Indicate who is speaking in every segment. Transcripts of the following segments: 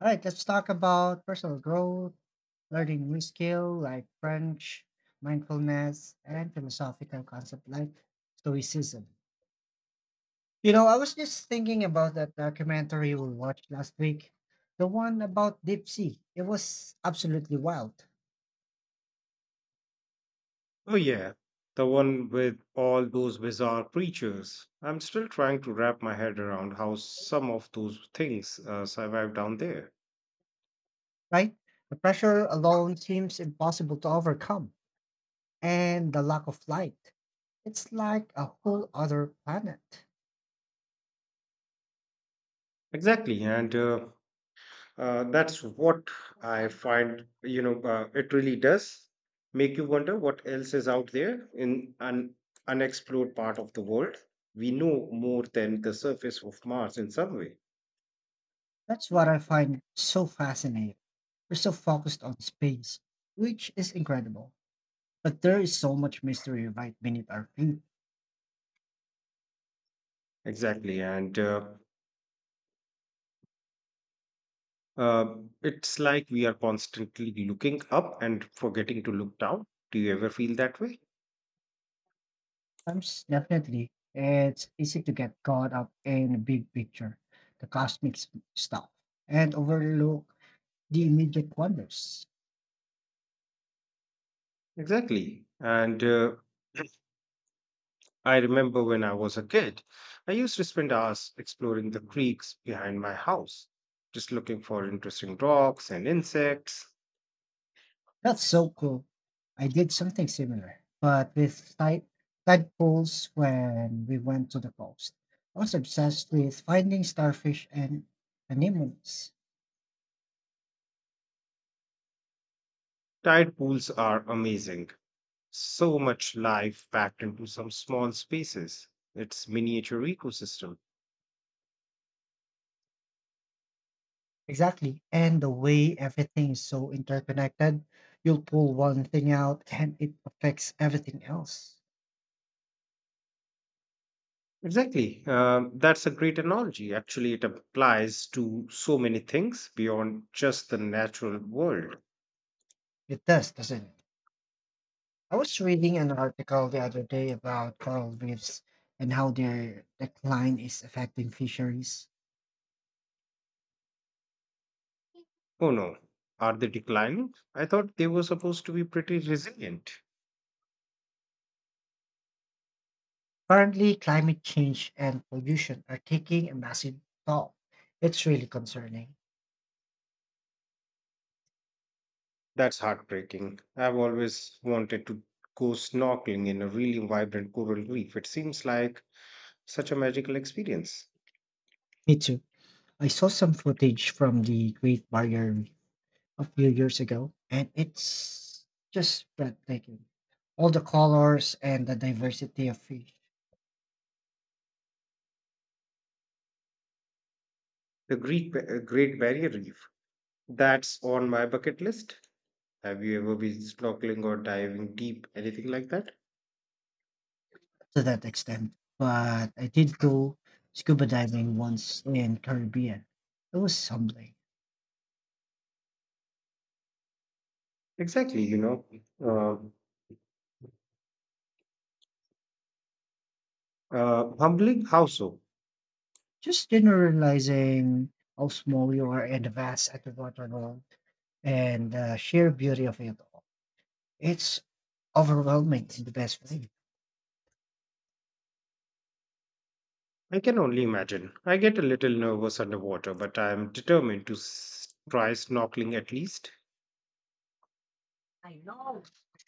Speaker 1: All right, let's talk about personal growth, learning new skill like French, mindfulness, and philosophical concept like Stoicism. You know, I was just thinking about that documentary we watched last week, the one about deep sea. It was absolutely wild,
Speaker 2: Oh, yeah, the one with all those bizarre creatures. I'm still trying to wrap my head around how some of those things survive down there.
Speaker 1: right? The pressure alone seems impossible to overcome, and the lack of light. It's like a whole other planet.
Speaker 2: Exactly, and that's what I find, it really does make you wonder what else is out there in an unexplored part of the world. We know more than the surface of Mars in some way.
Speaker 1: That's what I find so fascinating. We're so focused on space, which is incredible. But there is so much mystery right beneath our feet.
Speaker 2: Exactly, and Uh, it's like we are constantly looking up and forgetting to look down. Do you ever feel that way?
Speaker 1: Sometimes, definitely, it's easy to get caught up in the big picture, the stuff, and overlook the immediate wonders.
Speaker 2: Exactly. And I remember when I was a kid, I used to spend hours exploring the creeks behind my house, just looking for interesting rocks and insects.
Speaker 1: That's so cool. I did something similar, but with tide pools when we went to the coast. I was obsessed with finding starfish and anemones.
Speaker 2: Tide pools are amazing. So much life packed into some small spaces. It's miniature ecosystem.
Speaker 1: Exactly. And the way everything is so interconnected, you'll pull one thing out and it affects everything else.
Speaker 2: Exactly. That's a great analogy. Actually, it applies to so many things beyond just the natural world.
Speaker 1: It does, doesn't it? I was reading an article the other day about coral reefs and how their decline is affecting fisheries.
Speaker 2: Oh no, are they declining? I thought they were supposed to be pretty resilient.
Speaker 1: Currently, climate change and pollution are taking a massive toll. It's really concerning.
Speaker 2: That's heartbreaking. I've always wanted to go snorkeling in a really vibrant coral reef. It seems like such a magical experience.
Speaker 1: Me too. I saw some footage from the Great Barrier Reef a few years ago, and it's just breathtaking. All the colors and the diversity of fish
Speaker 2: The Great Barrier Reef. That's on my bucket list. Have you ever been snorkeling or diving deep, anything like that?
Speaker 1: to that extent. But I did go scuba diving once in Caribbean. It was humbling.
Speaker 2: Exactly, humbling. How so?
Speaker 1: Just generalizing how small you are and the vast underwater world and the sheer beauty of it all. It's overwhelming in the best way.
Speaker 2: I can only imagine. I get a little nervous underwater, but I am determined to try snorkeling at least.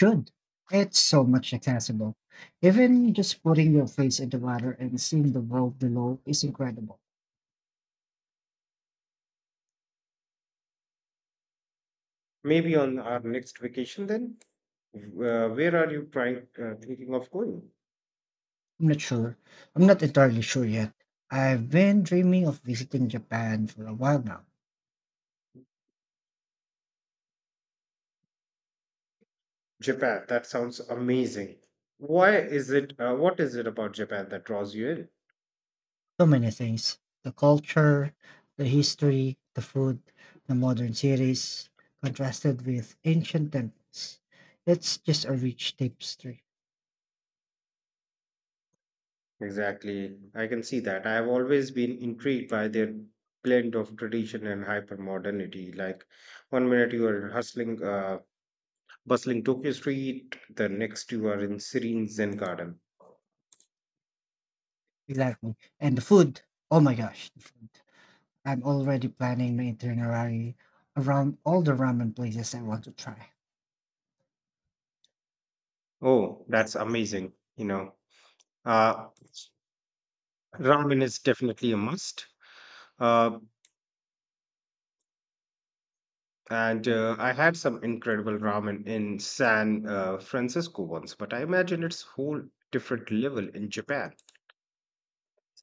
Speaker 1: Should. It's so much accessible. Even just putting your face in the water and seeing the world below is incredible.
Speaker 2: Maybe on our next vacation then? Where are you thinking of going?
Speaker 1: I'm not sure. I'm not entirely sure yet. I've been dreaming of visiting Japan for a while now.
Speaker 2: Japan. That sounds amazing. What is it about Japan that draws you in?
Speaker 1: So many things. The culture, the history, the food, the modern cities, contrasted with ancient temples. It's just a rich tapestry.
Speaker 2: Exactly. I can see that. I have always been intrigued by their blend of tradition and hyper modernity. Like one minute you are bustling Tokyo street, the next you are in serene Zen garden.
Speaker 1: Exactly. And the food. Oh my gosh, the food. I'm already planning my itinerary around all the ramen places I want to try.
Speaker 2: Oh, that's amazing. Uh, Ramen is definitely a must. Uh, And I had some incredible ramen in San Francisco once, but I imagine it's whole different level in Japan.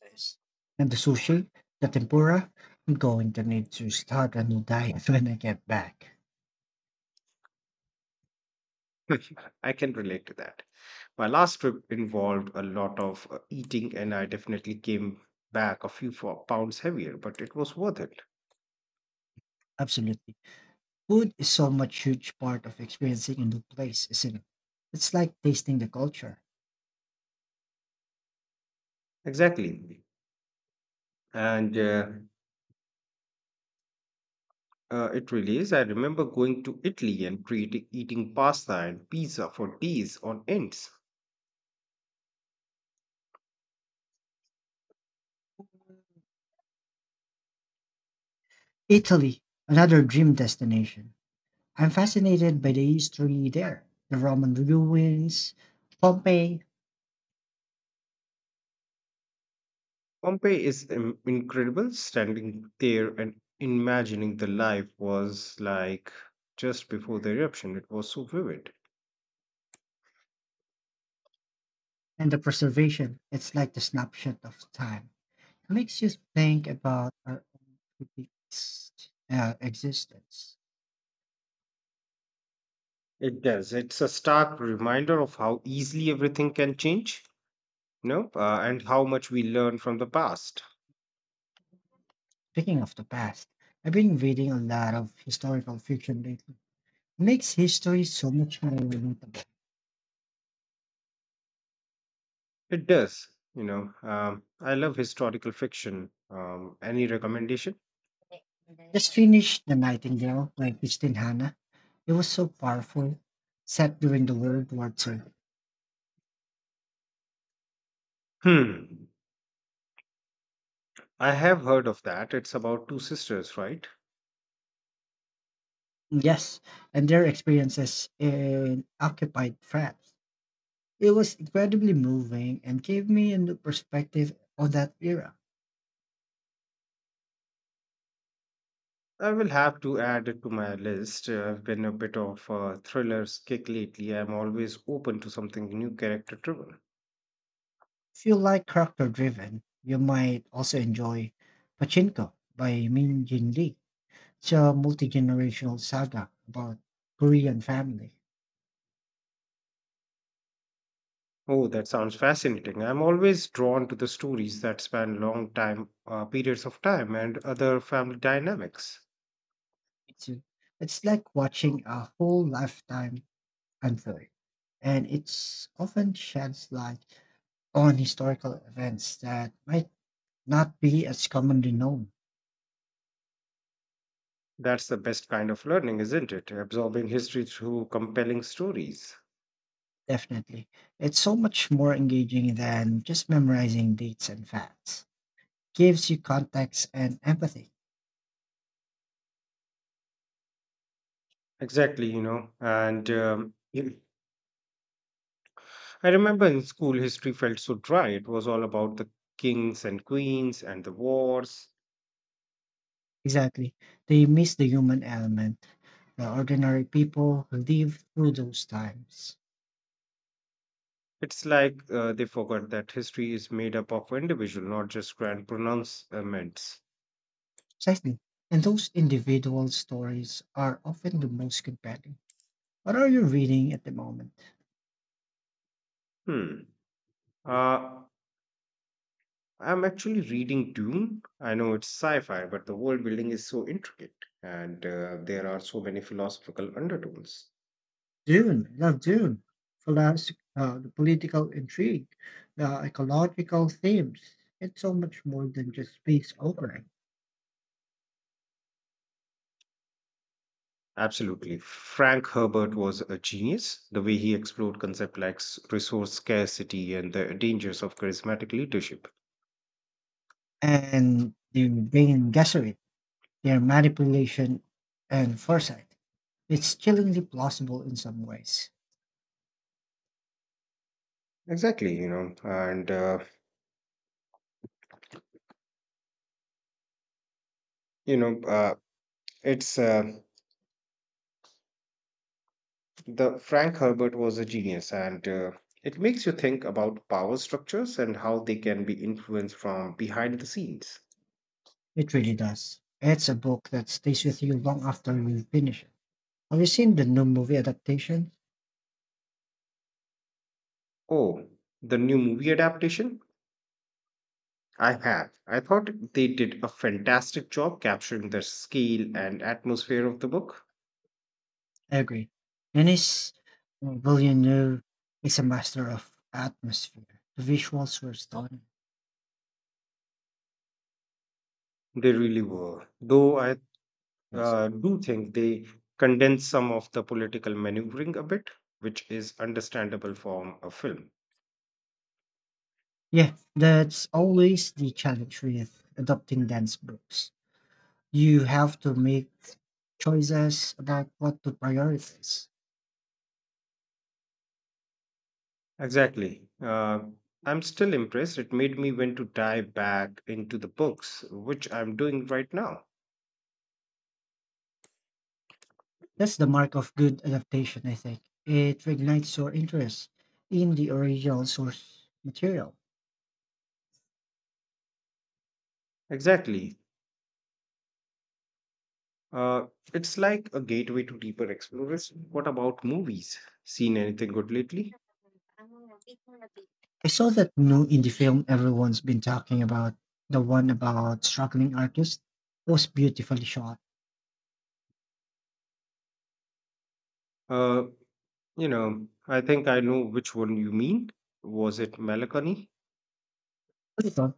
Speaker 1: Nice. And the sushi, the tempura, I'm going to need to start a new diet when I get back.
Speaker 2: I can relate to that. My last trip involved a lot of eating, and I definitely came back a few pounds heavier, but it was worth it.
Speaker 1: Absolutely. Food is so much huge part of experiencing a new place, isn't it? It's like tasting the culture.
Speaker 2: Exactly. And It really is. I remember going to Italy and creating, eating pasta and pizza for days on ends.
Speaker 1: Italy, another dream destination. I'm fascinated by the history there. The Roman ruins, Pompeii.
Speaker 2: Pompeii is incredible standing there and imagining the life was like just before the eruption. It was so vivid.
Speaker 1: And the preservation. It's like the snapshot of time. Makes you think about our own fixed existence.
Speaker 2: It does. It's a stark reminder of how easily everything can change, and how much we learn from the past.
Speaker 1: Speaking of the past, I've been reading a lot of historical fiction lately. Makes history so much more relatable.
Speaker 2: It does, you know. I love historical fiction. Any recommendation?
Speaker 1: Just finished The Nightingale by Christine Hanna. It was so powerful, set during the World War II.
Speaker 2: Hmm. I have heard of that. It's about two sisters, right?
Speaker 1: Yes, and their experiences in occupied France. It was incredibly moving and gave me a new perspective on that era.
Speaker 2: I will have to add it to my list. I've been a bit of a thriller kick lately. I'm always open to something new character driven.
Speaker 1: If you like character driven, you might also enjoy Pachinko by Min Jin Lee. It's a multi generational saga about Korean family.
Speaker 2: Oh, that sounds fascinating. I'm always drawn to the stories that span long time periods of time and other family dynamics.
Speaker 1: It's, a- it's like watching a whole lifetime unfold, and it's often sheds light on historical events that might not be as commonly known.
Speaker 2: That's the best kind of learning, isn't it? Absorbing history through compelling stories.
Speaker 1: Definitely. It's so much more engaging than just memorizing dates and facts. Gives you context and empathy.
Speaker 2: Exactly, I remember in school history felt so dry. It was all about the kings and queens and the wars.
Speaker 1: Exactly. They miss the human element. The ordinary people who live through those times.
Speaker 2: It's like they forgot that history is made up of individual, not just grand pronouncements.
Speaker 1: Precisely. And those individual stories are often the most compelling. What are you reading at the moment?
Speaker 2: Hmm. Uh, I'm actually reading Dune. I know it's sci-fi, but the world building is so intricate, and there are so many philosophical undertones.
Speaker 1: Dune. I love Dune. The political intrigue, the ecological themes. It's so much more than just space opera.
Speaker 2: Absolutely. Frank Herbert was a genius. The way he explored concepts like resource scarcity and the dangers of charismatic leadership.
Speaker 1: And the main Gesserit, their manipulation and foresight. It's chillingly plausible in some ways.
Speaker 2: Exactly, you know, and you know, it's the Frank Herbert was a genius, and it makes you think about power structures and how they can be influenced from behind the scenes.
Speaker 1: It really does. It's a book that stays with you long after you finish it. Have you seen the new movie adaptation?
Speaker 2: Oh, the new movie adaptation? I have. I thought they did a fantastic job capturing the scale and atmosphere of the book.
Speaker 1: I agree. Denis Villeneuve is a master of atmosphere. The visuals were stunning.
Speaker 2: They really were. Though I do think they condensed some of the political maneuvering a bit, which is understandable from a film.
Speaker 1: Yeah, that's always the challenge with adopting dense books. You have to make choices about what to prioritize.
Speaker 2: Exactly. I'm still impressed. It made me want to dive back into the books, which I'm doing right now.
Speaker 1: That's the mark of good adaptation, I think. It reignites your interest in the original source material.
Speaker 2: Exactly. Uh, it's like a gateway to deeper exploration. What about movies? Seen anything good lately?
Speaker 1: I saw that new indie film everyone's been talking about, the one about struggling artists, was beautifully shot.
Speaker 2: Uh, you know, I think I know which one you mean. Was it Melancholy?
Speaker 1: Little,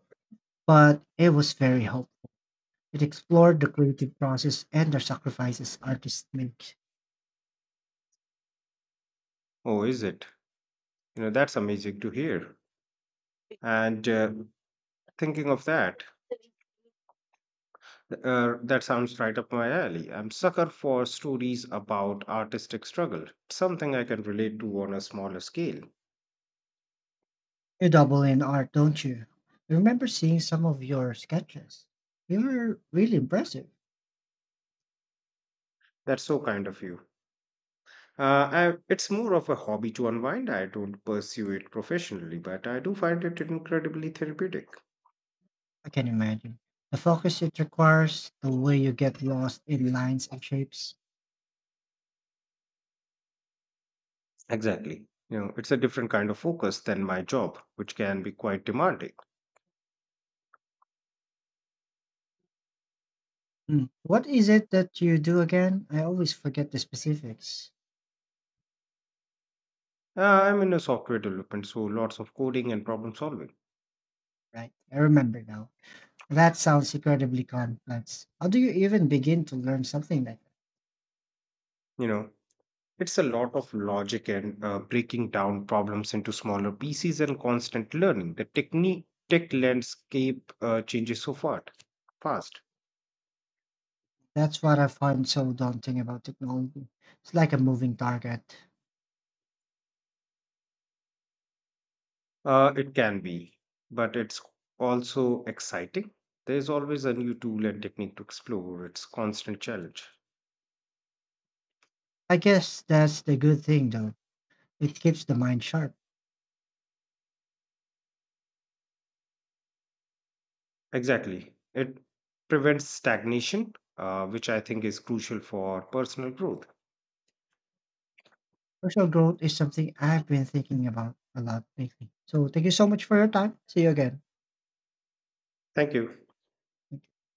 Speaker 1: but it was very helpful. It explored the creative process and the sacrifices artists make.
Speaker 2: Oh, is it? You know, that's amazing to hear. And thinking of that, That sounds right up my alley. I'm sucker for stories about artistic struggle. It's something I can relate to on a smaller scale.
Speaker 1: You double in art, don't you? I remember seeing some of your sketches. They were really impressive.
Speaker 2: That's so kind of you. It's more of a hobby to unwind. I don't pursue it professionally, but I do find it incredibly therapeutic.
Speaker 1: I can imagine. The focus it requires, the way you get lost in lines and shapes.
Speaker 2: Exactly. You know, it's a different kind of focus than my job, which can be quite demanding.
Speaker 1: Mm. What is it that you do again? I always forget the specifics.
Speaker 2: I'm in a software development, so lots of coding and problem solving.
Speaker 1: Right, I remember now. That sounds incredibly complex. How do you even begin to learn something like that?
Speaker 2: You know, it's a lot of logic and breaking down problems into smaller pieces and constant learning. The tech landscape changes so fast.
Speaker 1: That's what I find so daunting about technology. It's like a moving target.
Speaker 2: It can be, but it's also exciting. There's always a new tool and technique to explore. It's constant challenge.
Speaker 1: I guess that's the good thing, though. It keeps the mind sharp.
Speaker 2: Exactly. It prevents stagnation, which I think is crucial for personal growth.
Speaker 1: Personal growth is something I've been thinking about a lot lately. So thank you so much for your time. See you again.
Speaker 2: Thank you.
Speaker 1: Thank you.